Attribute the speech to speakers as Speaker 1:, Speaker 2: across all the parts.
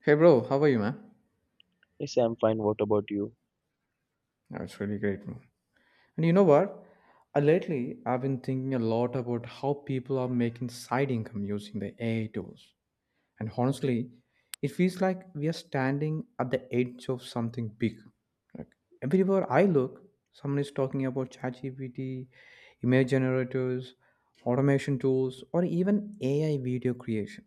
Speaker 1: Hey bro, how are you, man?
Speaker 2: Yes, I'm fine. What about you?
Speaker 1: That's really great, man. And you know what? Lately, I've been thinking a lot about how people are making side income using the AI tools. And honestly, it feels like we are standing at the edge of something big. Like everywhere I look, someone is talking about ChatGPT, image generators, automation tools, or even AI video creation.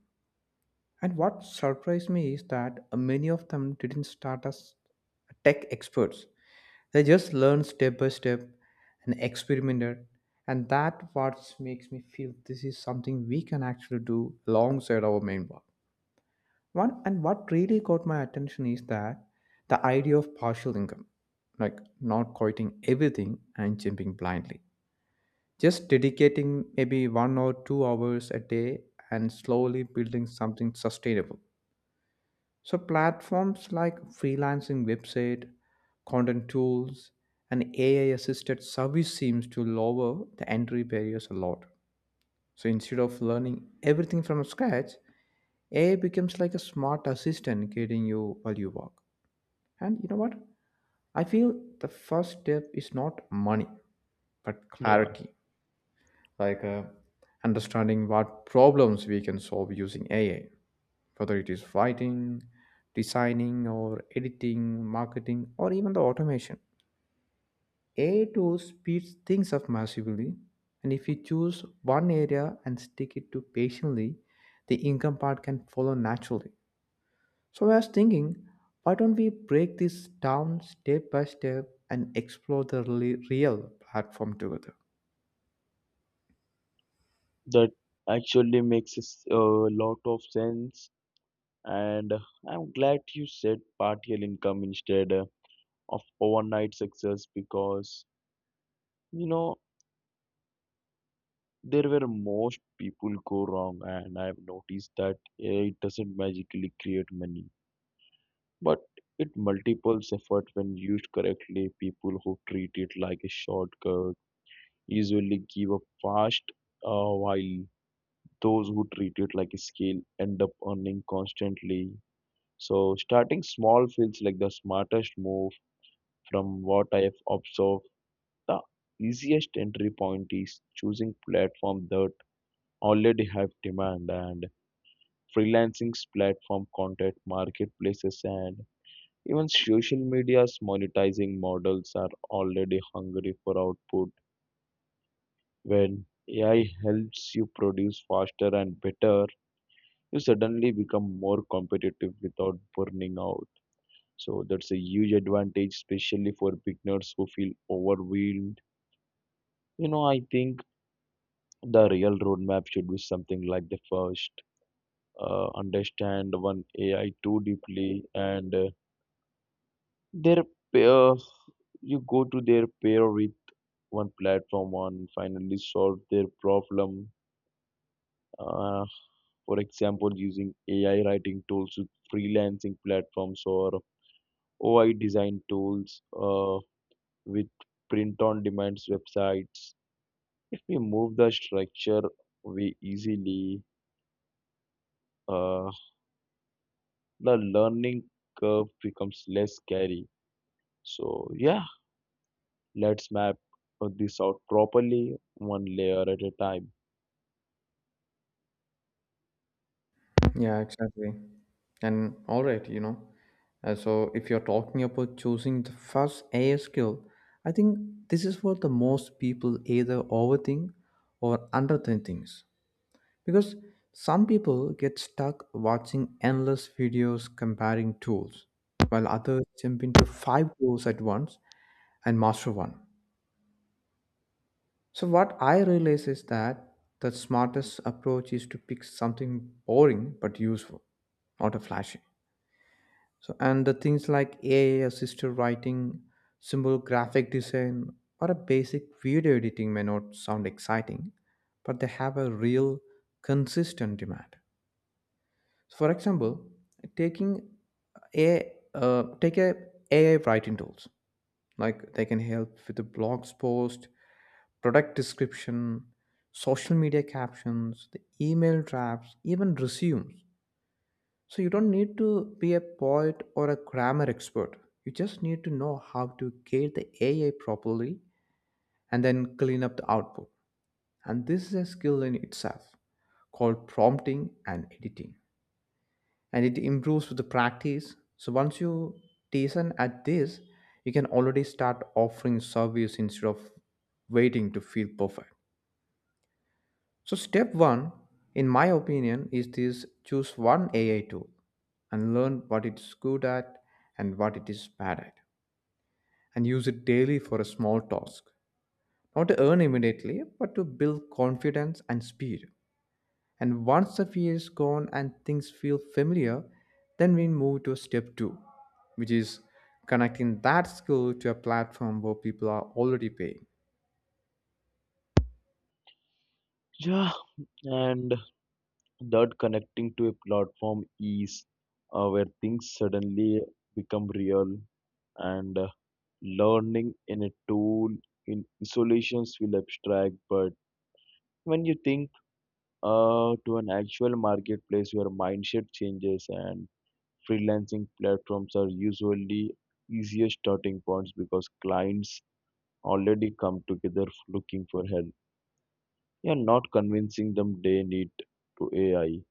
Speaker 1: And what surprised me is that many of them didn't start as tech experts. They just learn step by step and experimented. And that what makes me feel this is something we can actually do alongside our main work. One and what really caught my attention is that the idea of partial income, like not quitting everything and jumping blindly. Just dedicating maybe 1 or 2 hours a day and slowly building something sustainable. So platforms like freelancing website, content tools, and AI assisted service seems to lower the entry barriers a lot. So instead of learning everything from scratch, AI becomes like a smart assistant guiding you while you work. And you know what? I feel the first step is not money, but
Speaker 2: Yeah,
Speaker 1: clarity, like understanding what problems we can solve using AI, whether it is writing, designing, or editing, marketing, or even the automation. AI tools speeds things up massively, and if you choose one area and stick it to patiently, the income part can follow naturally. So I was thinking, why don't we break this down step by step and explore the really real platform together?
Speaker 2: That actually makes a lot of sense, and I'm glad you said partial income instead of overnight success because you know there were most people go wrong, and I've noticed that AI doesn't magically create money, but it multiples effort when used correctly. People who treat it like a shortcut usually give up fast, while those who treat it like a skill end up earning constantly. So starting small feels like the smartest move. From what I have observed, the easiest entry point is choosing platforms that already have demand, and freelancing platform, content marketplaces, and even social media's monetizing models are already hungry for output. When AI helps you produce faster and better, you suddenly become more competitive without burning out. So that's a huge advantage, especially for beginners who feel overwhelmed. You know, I think the real roadmap should be something like the first, understand one ai too deeply, and their pair you go to their pair with one platform and finally solve their problem. uh, for example, using ai writing tools with freelancing platforms, or oi design tools with print on demands websites. If we move the structure, we easily, uh, the learning curve becomes less scary. So, yeah, let's map this out properly, one layer at a time.
Speaker 1: Yeah, exactly. And all right, you know, so if you're talking about choosing the first AI skill, I think this is what the most people either overthink or underthink things. Because some people get stuck watching endless videos comparing tools, while others jump into five tools at once and master one. So, what I realize is that the smartest approach is to pick something boring but useful, not a flashy. So, and the things like AI assisted writing, simple graphic design, or a basic video editing may not sound exciting, but they have a real consistent demand. So, for example, taking a take a AI writing tools like they can help with the blogs post, product description, social media captions, the email drafts, even resumes. So you don't need to be a poet or a grammar expert. You just need to know how to gate the AI properly and then clean up the output. And this is a skill in itself called prompting and editing. And it improves with the practice. So once you decent at this, you can already start offering service instead of waiting to feel perfect. So, step one, in my opinion, is this choose one AI tool and learn what it's good at and what it is bad at, and use it daily for a small task. Not to earn immediately, but to build confidence and speed. And once the fear is gone and things feel familiar, then we move to step two, which is connecting that skill to a platform where people are already paying.
Speaker 2: Yeah, and that connecting to a platform is where things suddenly become real, and learning in a tool in isolations will abstract. But when you think, to an actual marketplace, your mindset changes. And freelancing platforms are usually easier starting points because clients already come together looking for help. You're not convincing them they need to AI.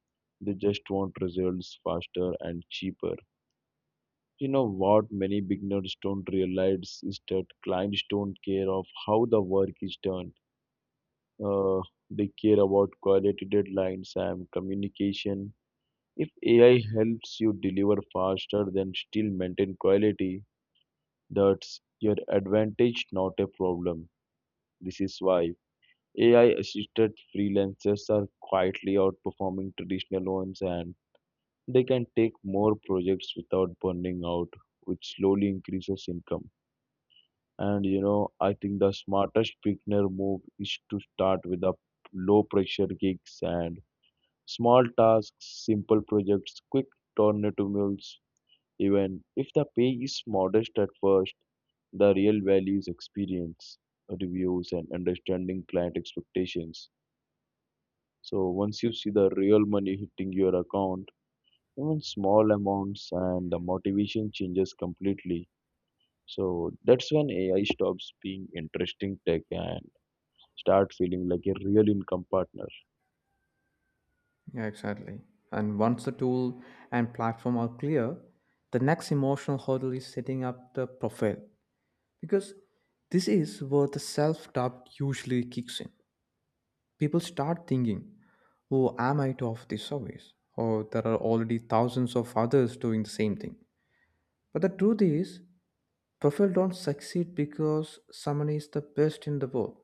Speaker 2: They just want results faster and cheaper. You know, what many beginners don't realize is that clients don't care of how the work is done. Uh, they care about quality, deadlines, and communication. If AI helps you deliver faster then still maintain quality, that's your advantage, not a problem. This is why AI-assisted freelancers are quietly outperforming traditional ones, and they can take more projects without burning out, which slowly increases income. And you know, I think the smartest beginner move is to start with a low pressure gigs and small tasks, simple projects, quick turnaround meals. Even if the pay is modest at first, the real value is experience, reviews, and understanding client expectations. So once you see the real money hitting your account, even small amounts, and the motivation changes completely. So that's when AI stops being interesting tech and start feeling like a real income partner.
Speaker 1: Yeah, exactly. And once the tool and platform are clear, the next emotional hurdle is setting up the profile because this is where the self doubt usually kicks in. People start thinking, who am I to offer this service? Or there are already thousands of others doing the same thing. But the truth is, profile don't succeed because someone is the best in the world.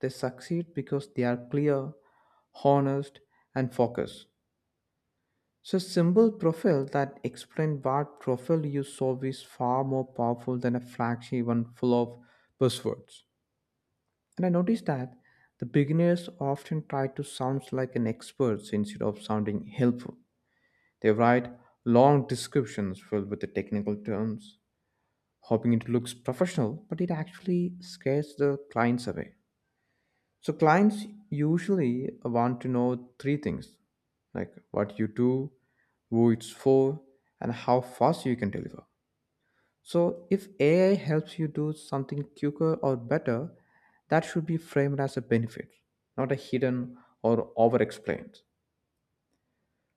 Speaker 1: They succeed because they are clear, honest, and focused. So, simple profile that explain what profile you solve is far more powerful than a flashy one full of buzzwords. And I noticed that the beginners often try to sound like an expert instead of sounding helpful. They write long descriptions filled with the technical terms, hoping it looks professional, but it actually scares the clients away. So clients usually want to know three things like what you do, who it's for, and how fast you can deliver. So if AI helps you do something quicker or better, that should be framed as a benefit, not a hidden or over explained.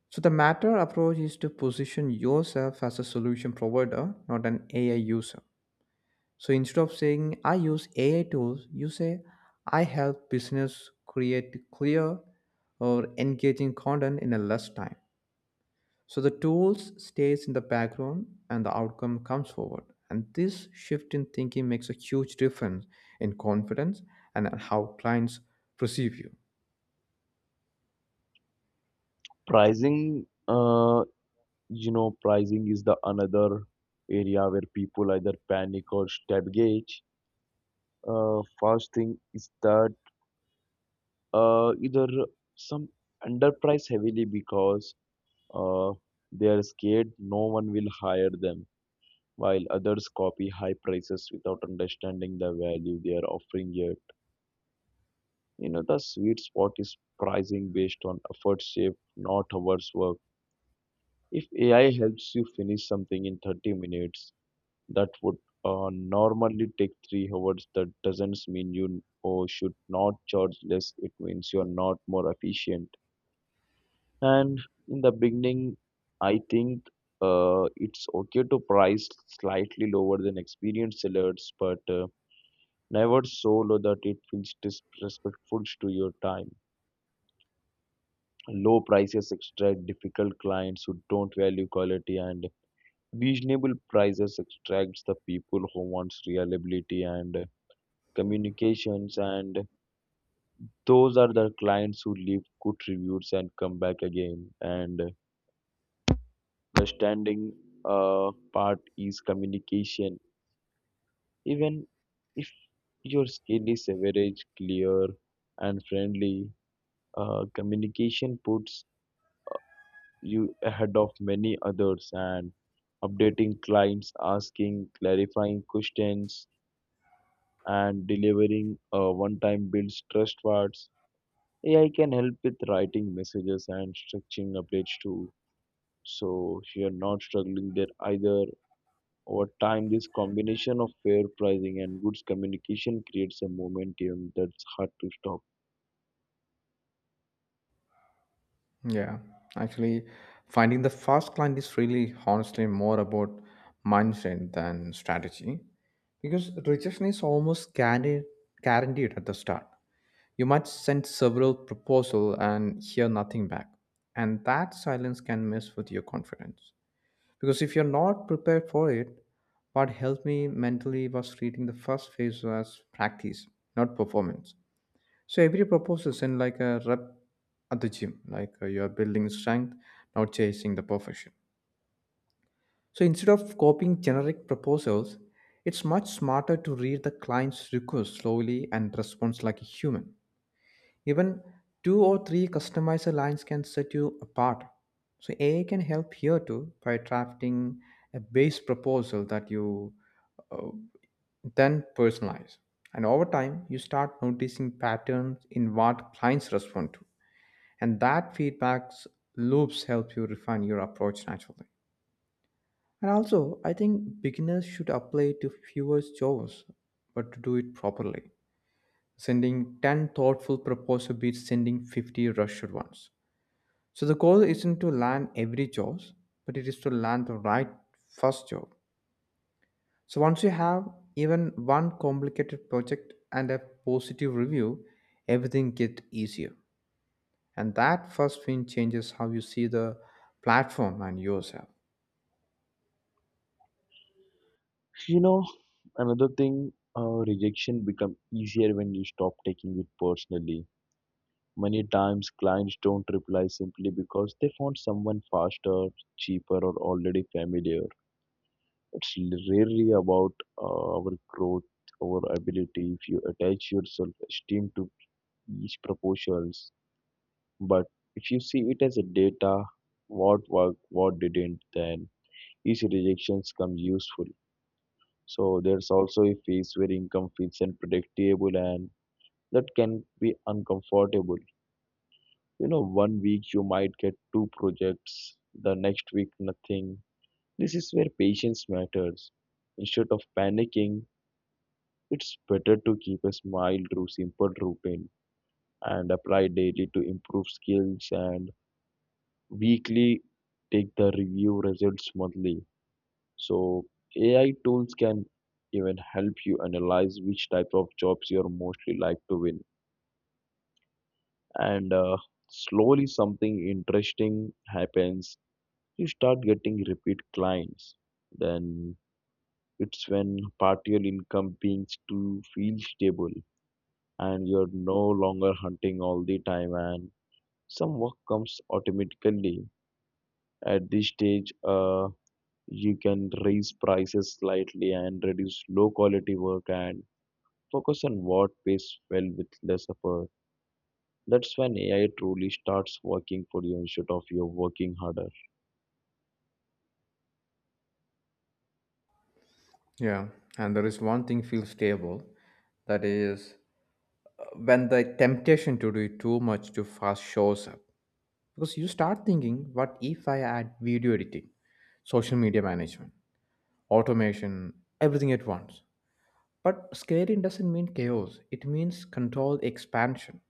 Speaker 1: So the matter approach is to position yourself as a solution provider, not an AI user. So instead of saying I use AI tools, you say I help business create clear or engaging content in a less time. So the tools stays in the background and the outcome comes forward. And this shift in thinking makes a huge difference in confidence and how clients perceive you.
Speaker 2: Pricing, pricing is the another area where people either panic or stab gauge. First thing is that, either some underprice heavily because, uh, they are scared no one will hire them, while others copy high prices without understanding the value they are offering yet. You know, the sweet spot is pricing based on effort saved, not hours worked. If AI helps you finish something in 30 minutes, that would, normally take 3 hours, that doesn't mean you or should not charge less. It means you're not more efficient. And in the beginning, I think, it's okay to price slightly lower than experienced sellers, but never so low that it feels disrespectful to your time. Low prices extract difficult clients who don't value quality, and reasonable prices extracts the people who wants reliability and communications, and those are the clients who leave good reviews and come back again. And the standing part is communication. Even if your skill is average, clear and friendly communication puts you ahead of many others. And updating clients, asking clarifying questions, and delivering one time builds trust words. AI can help with writing messages and structuring updates too. So if you're not struggling there either, over time this combination of fair pricing and good communication creates a momentum that's hard to stop.
Speaker 1: Yeah, actually, finding the first client is really honestly more about mindset than strategy because rejection is almost guaranteed at the start. You might send several proposals and hear nothing back, and that silence can mess with your confidence. Because if you're not prepared for it, what helped me mentally was treating the first phase as practice, not performance. So every proposal send like a rep at the gym, like you are building strength, not chasing the perfection. So instead of copying generic proposals, it's much smarter to read the client's request slowly and respond like a human. Even two or three customizer lines can set you apart. So AI can help here too by drafting a base proposal that you uh, then personalize. And over time, you start noticing patterns in what clients respond to, and that feedback loops help you refine your approach naturally. And also I think beginners should apply to fewer jobs, but to do it properly. Sending 10 thoughtful proposals beats sending 50 rushed ones. So the goal isn't to land every job, but it is to land the right first job. So once you have even one complicated project and a positive review, everything gets easier. And that first win changes how you see the platform and yourself.
Speaker 2: You know, another thing, rejection become easier when you stop taking it personally. Many times clients don't reply simply because they found someone faster, cheaper, or already familiar. It's really about, our growth, our ability. If you attach your self-esteem to each proportions, but if you see it as a data, what worked, what didn't, then each rejections come useful. So there's also a phase where income feels unpredictable, and that can be uncomfortable. You know, 1 week you might get two projects, the next week nothing. This is where patience matters. Instead of panicking, it's better to keep a smile through simple routine and apply daily to improve skills, and weekly take the review results monthly. So AI tools can even help you analyze which type of jobs you're mostly like to win. And slowly something interesting happens. You start getting repeat clients. Then it's when partial income begins to feel stable, and you're no longer hunting all the time, and some work comes automatically. At this stage, you can raise prices slightly and reduce low quality work, and focus on what pays well with less effort. That's when ai truly starts working for you instead of you working harder.
Speaker 1: Yeah, and there is one thing feels stable. That is when the temptation to do too much too fast shows up. Because you start thinking, what if I add video editing, social media management, automation, everything at once? But scaling doesn't mean chaos, it means controlled expansion.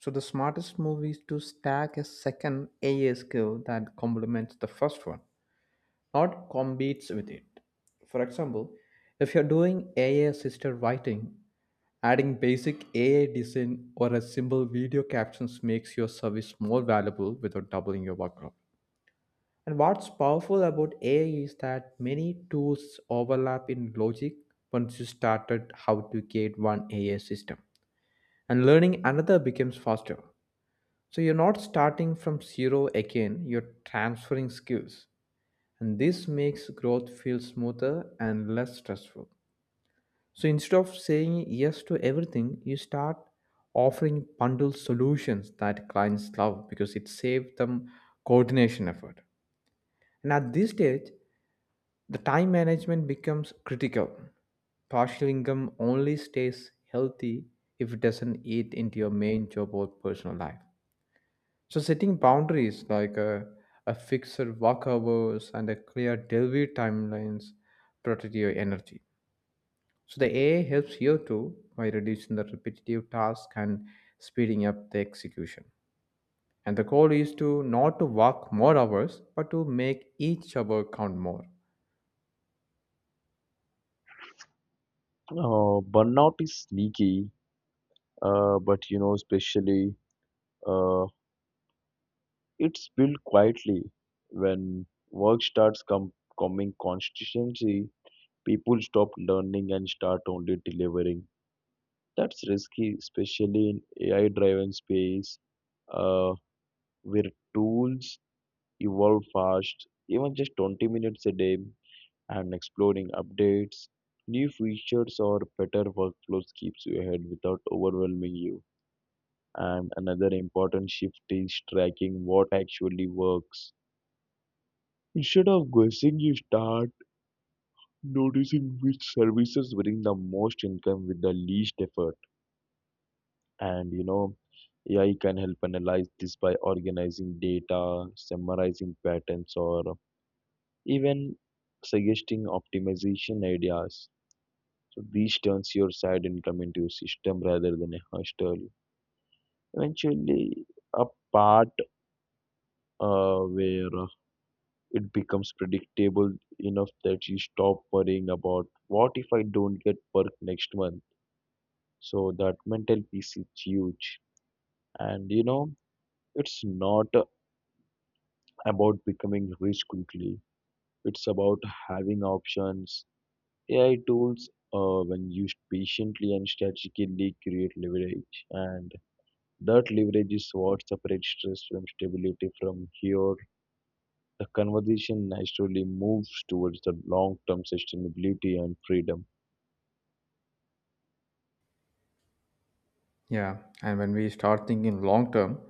Speaker 1: So the smartest move is to stack a second AI skill that complements the first one. Not competes with it. For example, if you're doing AI assisted writing, adding basic AI design or a simple video captions makes your service more valuable without doubling your workload. And what's powerful about AI is that many tools overlap in logic once you started how to create one AI system. And learning another becomes faster. So you're not starting from zero again, you're transferring skills, and this makes growth feel smoother and less stressful. So instead of saying yes to everything, you start offering bundled solutions that clients love because it saves them coordination effort. And at this stage, the time management becomes critical. Partial income only stays healthy if it doesn't eat into your main job or personal life. So setting boundaries like a fixed work hours and a clear delivery timelines protect your energy. So the AI helps here too by reducing the repetitive task and speeding up the execution. And the goal is to not to work more hours, but to make each hour count more.
Speaker 2: Burnout is sneaky, but you know, especially, uh, it's built quietly when work starts coming consistency. People stop learning and start only delivering. That's risky, especially in AI driven space, uh, where tools evolve fast. Even just 20 minutes a day, and exploring updates, new features, or better workflows keeps you ahead without overwhelming you. And another important shift is tracking what actually works. Instead of guessing, you start noticing which services bring the most income with the least effort. And you know, AI can help analyze this by organizing data, summarizing patterns, or even suggesting optimization ideas. So this turns your side income into a system rather than a hustle. Eventually, a part, where it becomes predictable enough that you stop worrying about what if I don't get work next month. So that mental piece is huge, and you know, it's not about becoming rich quickly. It's about having options. AI tools, when used patiently and strategically, create leverage, and that leverage is what separates stress from stability. From here, the conversation naturally moves towards the long-term sustainability and freedom.
Speaker 1: Yeah, and when we start thinking long term,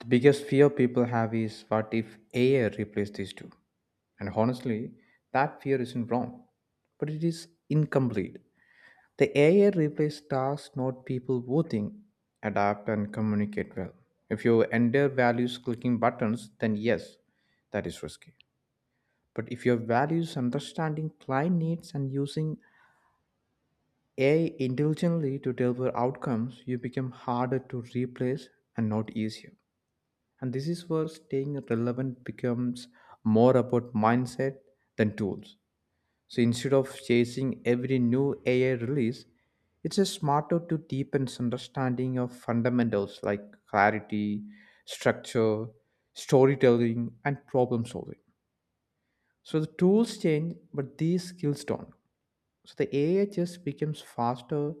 Speaker 1: the biggest fear people have is what if AI replaces these two? And honestly, that fear isn't wrong, but it is incomplete. The AI replaced stars, not people voting. Adapt and communicate well. If your entire values clicking buttons, then yes, that is risky. But if your values understanding client needs and using AI intelligently to deliver outcomes, you become harder to replace and not easier. And this is where staying relevant becomes more about mindset than tools. So instead of chasing every new AI release, it's a smarter to deepen understanding of fundamentals like clarity, structure, storytelling, and problem solving. So the tools change, but these skills don't. So the AI just becomes faster,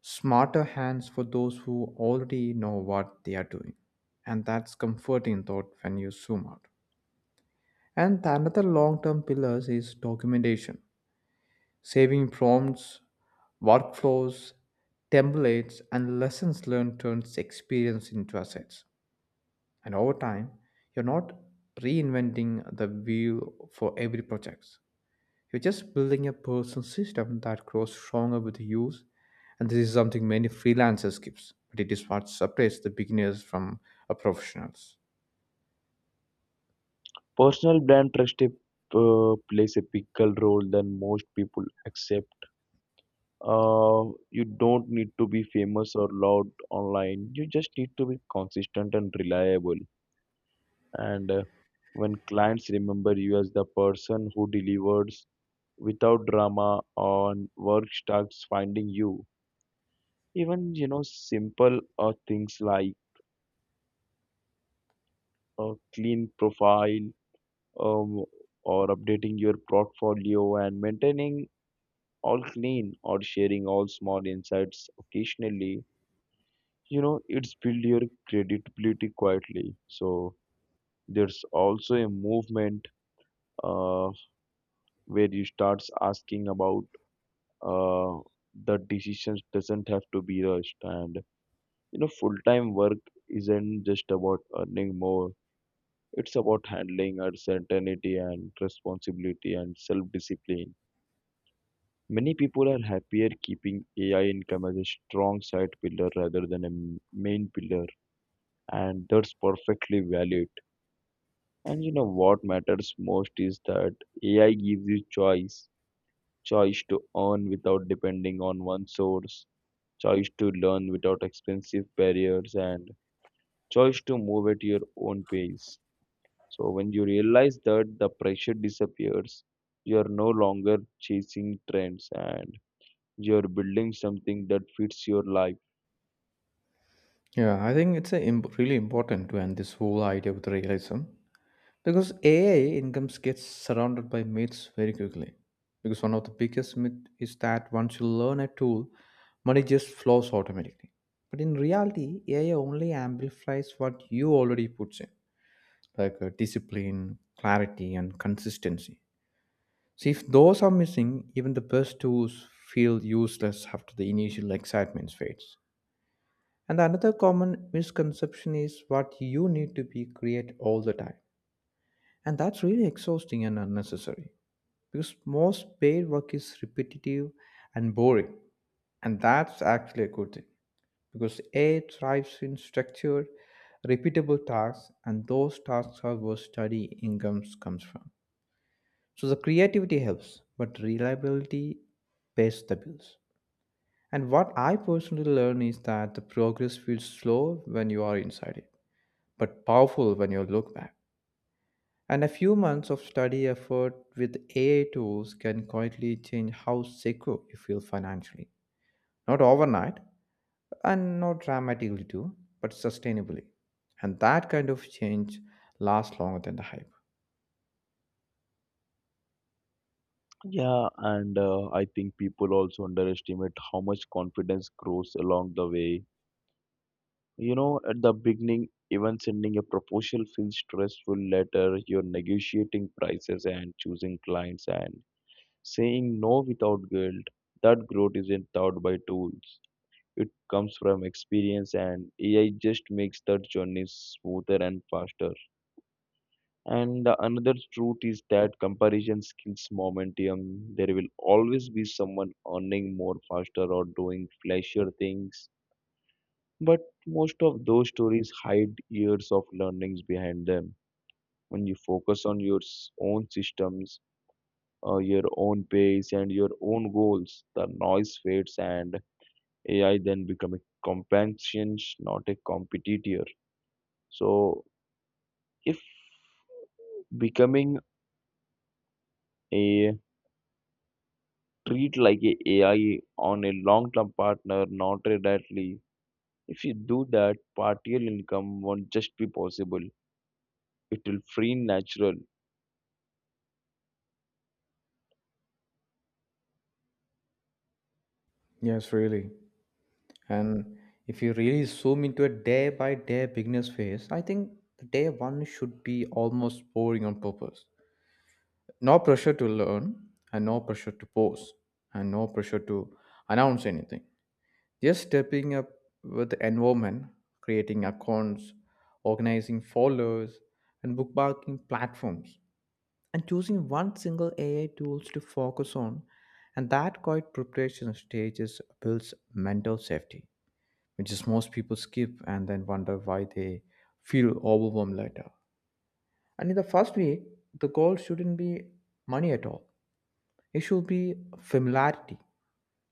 Speaker 1: smarter hands for those who already know what they are doing. And that's comforting thought when you zoom out. And the another long-term pillar is documentation. Saving prompts, workflows, templates, and lessons learned turns experience into assets. And over time, you're not reinventing the wheel for every project. You're just building a personal system that grows stronger with use. And this is something many freelancers skips, but it is what separates the beginners from a professionals.
Speaker 2: Personal brand trust plays a bigger role than most people accept. uh, you don't need to be famous or loud online. You just need to be consistent and reliable. And when clients remember you as the person who delivers without drama, on work starts finding you. Even you know simple things like a clean profile, um, or updating your portfolio and maintaining all clean, or sharing all small insights occasionally, you know, it's build your credibility quietly. So there's also a movement, uh, where you starts asking about, uh, the decisions doesn't have to be rushed. And you know, full-time work isn't just about earning more. It's about handling uncertainty and responsibility and self-discipline. Many people are happier keeping ai income as a strong side pillar rather than a main pillar, and that's perfectly valid. And you know, what matters most is that AI gives you choice, choice to earn without depending on one source, choice to learn without expensive barriers, and choice to move at your own pace. So when you realize that, the pressure disappears. You are no longer chasing trends, and you are building something that fits your life.
Speaker 1: Yeah, I think it's really important to end this whole idea with realism. Because AI incomes gets surrounded by myths very quickly. Because one of the biggest myth is that once you learn a tool, money just flows automatically. But in reality, AI only amplifies what you already put in, like discipline, clarity, and consistency. So if those are missing, even the best tools feel useless after the initial excitement fades. And another common misconception is what you need to be create all the time. And that's really exhausting and unnecessary. Because most paid work is repetitive and boring, and that's actually a good thing because AI thrives in structured repeatable tasks, and those tasks are where study incomes comes from. So the creativity helps but reliability pays the bills. And what I personally learn is that the progress feels slow when you are inside it, but powerful when you look back. And a few months of study effort with AI tools can quietly change how secure you feel financially. Not overnight, and not dramatically too, but sustainably. And that kind of change lasts longer than the hype.
Speaker 2: Yeah, and I think people also underestimate how much confidence grows along the way. You know, at the beginning, even sending a proposal feels stressful. Later, you're negotiating prices and choosing clients and saying no without guilt. That growth isn't taught by tools. It comes from experience, and AI just makes that journey smoother and faster. And the another truth is that comparison kills momentum. There will always be someone earning more faster or doing flashier things, but most of those stories hide years of learnings behind them. When you focus on your own systems, your own pace, and your own goals, the noise fades, and AI then become a companion, not a competitor. So, if becoming a treat like a AI on a long-term partner, not a directly, if you do that, partial income won't just be possible. It will free natural.
Speaker 1: Yes, really. And if you really zoom into a day by day beginner's phase, I think the day one should be almost boring on purpose. No pressure to learn, and no pressure to pause, and no pressure to announce anything. Just stepping up with the environment, creating accounts, organizing followers, and bookmarking platforms, and choosing one single AI tools to focus on, and that quiet preparation stages builds mental safety, which is most people skip and then wonder why they feel overwhelmed later. And in the first week, the goal shouldn't be money at all. It should be familiarity.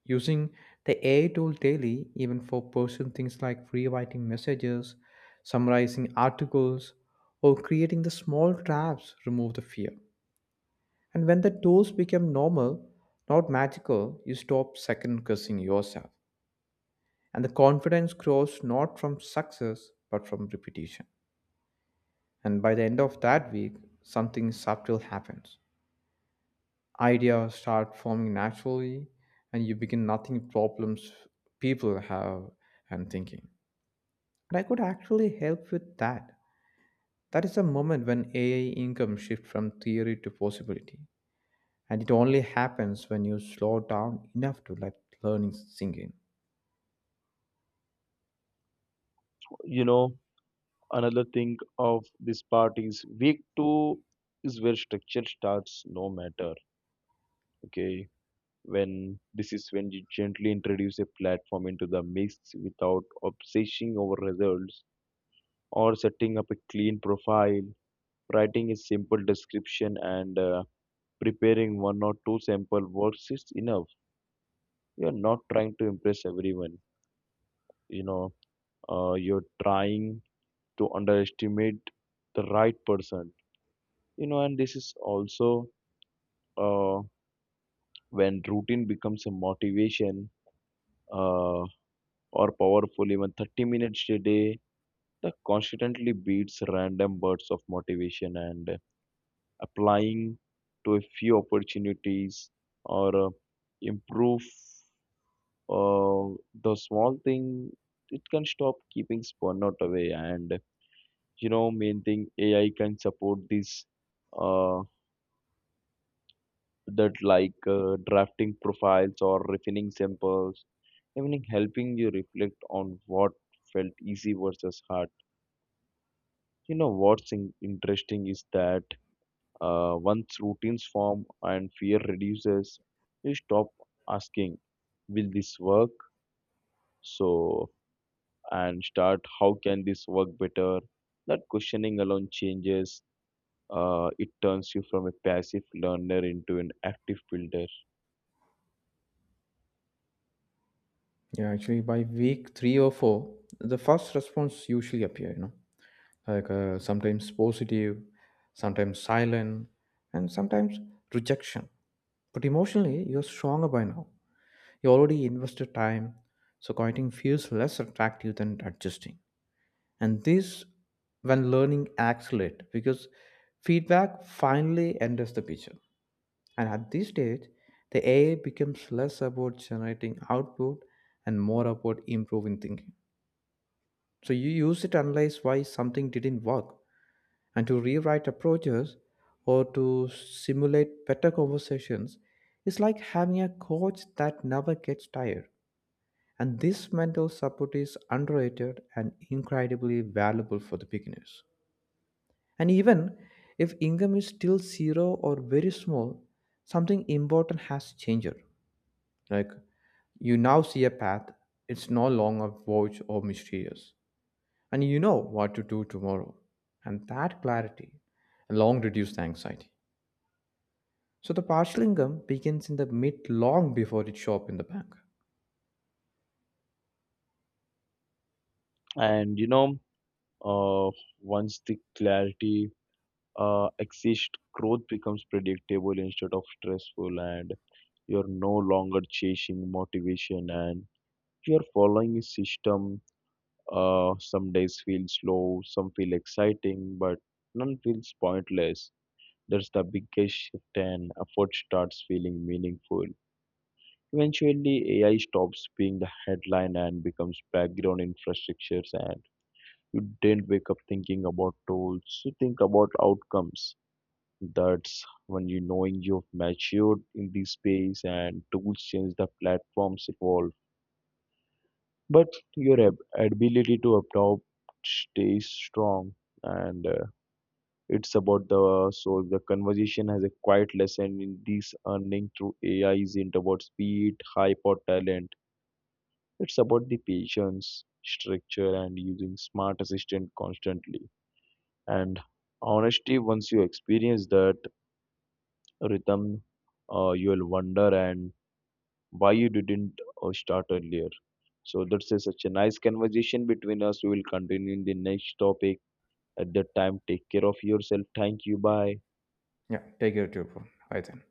Speaker 1: Using the AI tool daily, even for personal things like rewriting messages, summarizing articles, or creating the small drafts, remove the fear. And when the tools become normal, not magical, you stop second guessing yourself. And the confidence grows not from success, but from repetition. And by the end of that week, something subtle happens. Ideas start forming naturally, and you begin nothing problems people have and thinking. And I could actually help with that. That is a moment when AI income shifts from theory to possibility. And it only happens when you slow down enough to let learning sink in.
Speaker 2: You know, another thing of this part is week two is where structure starts no matter. Okay. When this is when you gently introduce a platform into the mix without obsessing over results, or setting up a clean profile, writing a simple description, and preparing one or two sample works is enough. You're not trying to impress everyone. You know, you're trying to underestimate the right person. You know, and this is also, uh, when routine becomes a motivation, uh, or powerful. Even 30 minutes a day that constantly beats random bursts of motivation, and applying to a few opportunities, or improve uh, the small thing, it can stop keeping burnout away. And you know, main thing ai can support this, uh, that like drafting profiles or refining samples, even helping you reflect on what felt easy versus hard. You know, what's interesting is that, once routines form and fear reduces, you stop asking, "Will this work?" So and start, "How can this work better?" That questioning alone changes. It turns you from a passive learner into an active builder.
Speaker 1: Yeah, actually, by week three or four, the first response usually appear, you know, like sometimes positive, sometimes silent, and sometimes rejection. But emotionally, you're stronger by now. You already invested time, so quitting feels less attractive than adjusting. And this when learning accelerates because feedback finally enters the picture. And at this stage, the AI becomes less about generating output and more about improving thinking. So you use it to analyze why something didn't work and to rewrite approaches or to simulate better conversations. It's like having a coach that never gets tired, and this mental support is underrated and incredibly valuable for the beginners. And even if income is still zero or very small, something important has changed. Like, you now see a path, it's no longer vague or mysterious. And you know what to do tomorrow. And that clarity long reduced the anxiety. So the partial income begins in the mid long before it shows up in the bank.
Speaker 2: And Uh, once the clarity exists, growth becomes predictable instead of stressful, and you're no longer chasing motivation, and you're following a system. Some days feel slow, some feel exciting, but none feels pointless. That's the biggest shift, and effort starts feeling meaningful. Eventually, AI stops being the headline and becomes background infrastructures, and you didn't wake up thinking about tools. You think about outcomes. That's when you knowing you've matured in this space, and tools change, the platforms evolve. But your ability to adopt stays strong. And it's about the so the conversation has a quiet lesson in this: earning through AI isn't about speed, hype or talent. It's about the patience, structure, and using smart assistant constantly. And honestly, once you experience that rhythm, you'll wonder, and why you didn't, start earlier. So that's a, such a nice conversation between us. We will continue in the next topic. At that time, take care of yourself. Thank you. Bye.
Speaker 1: Yeah, take care, too. Bye then.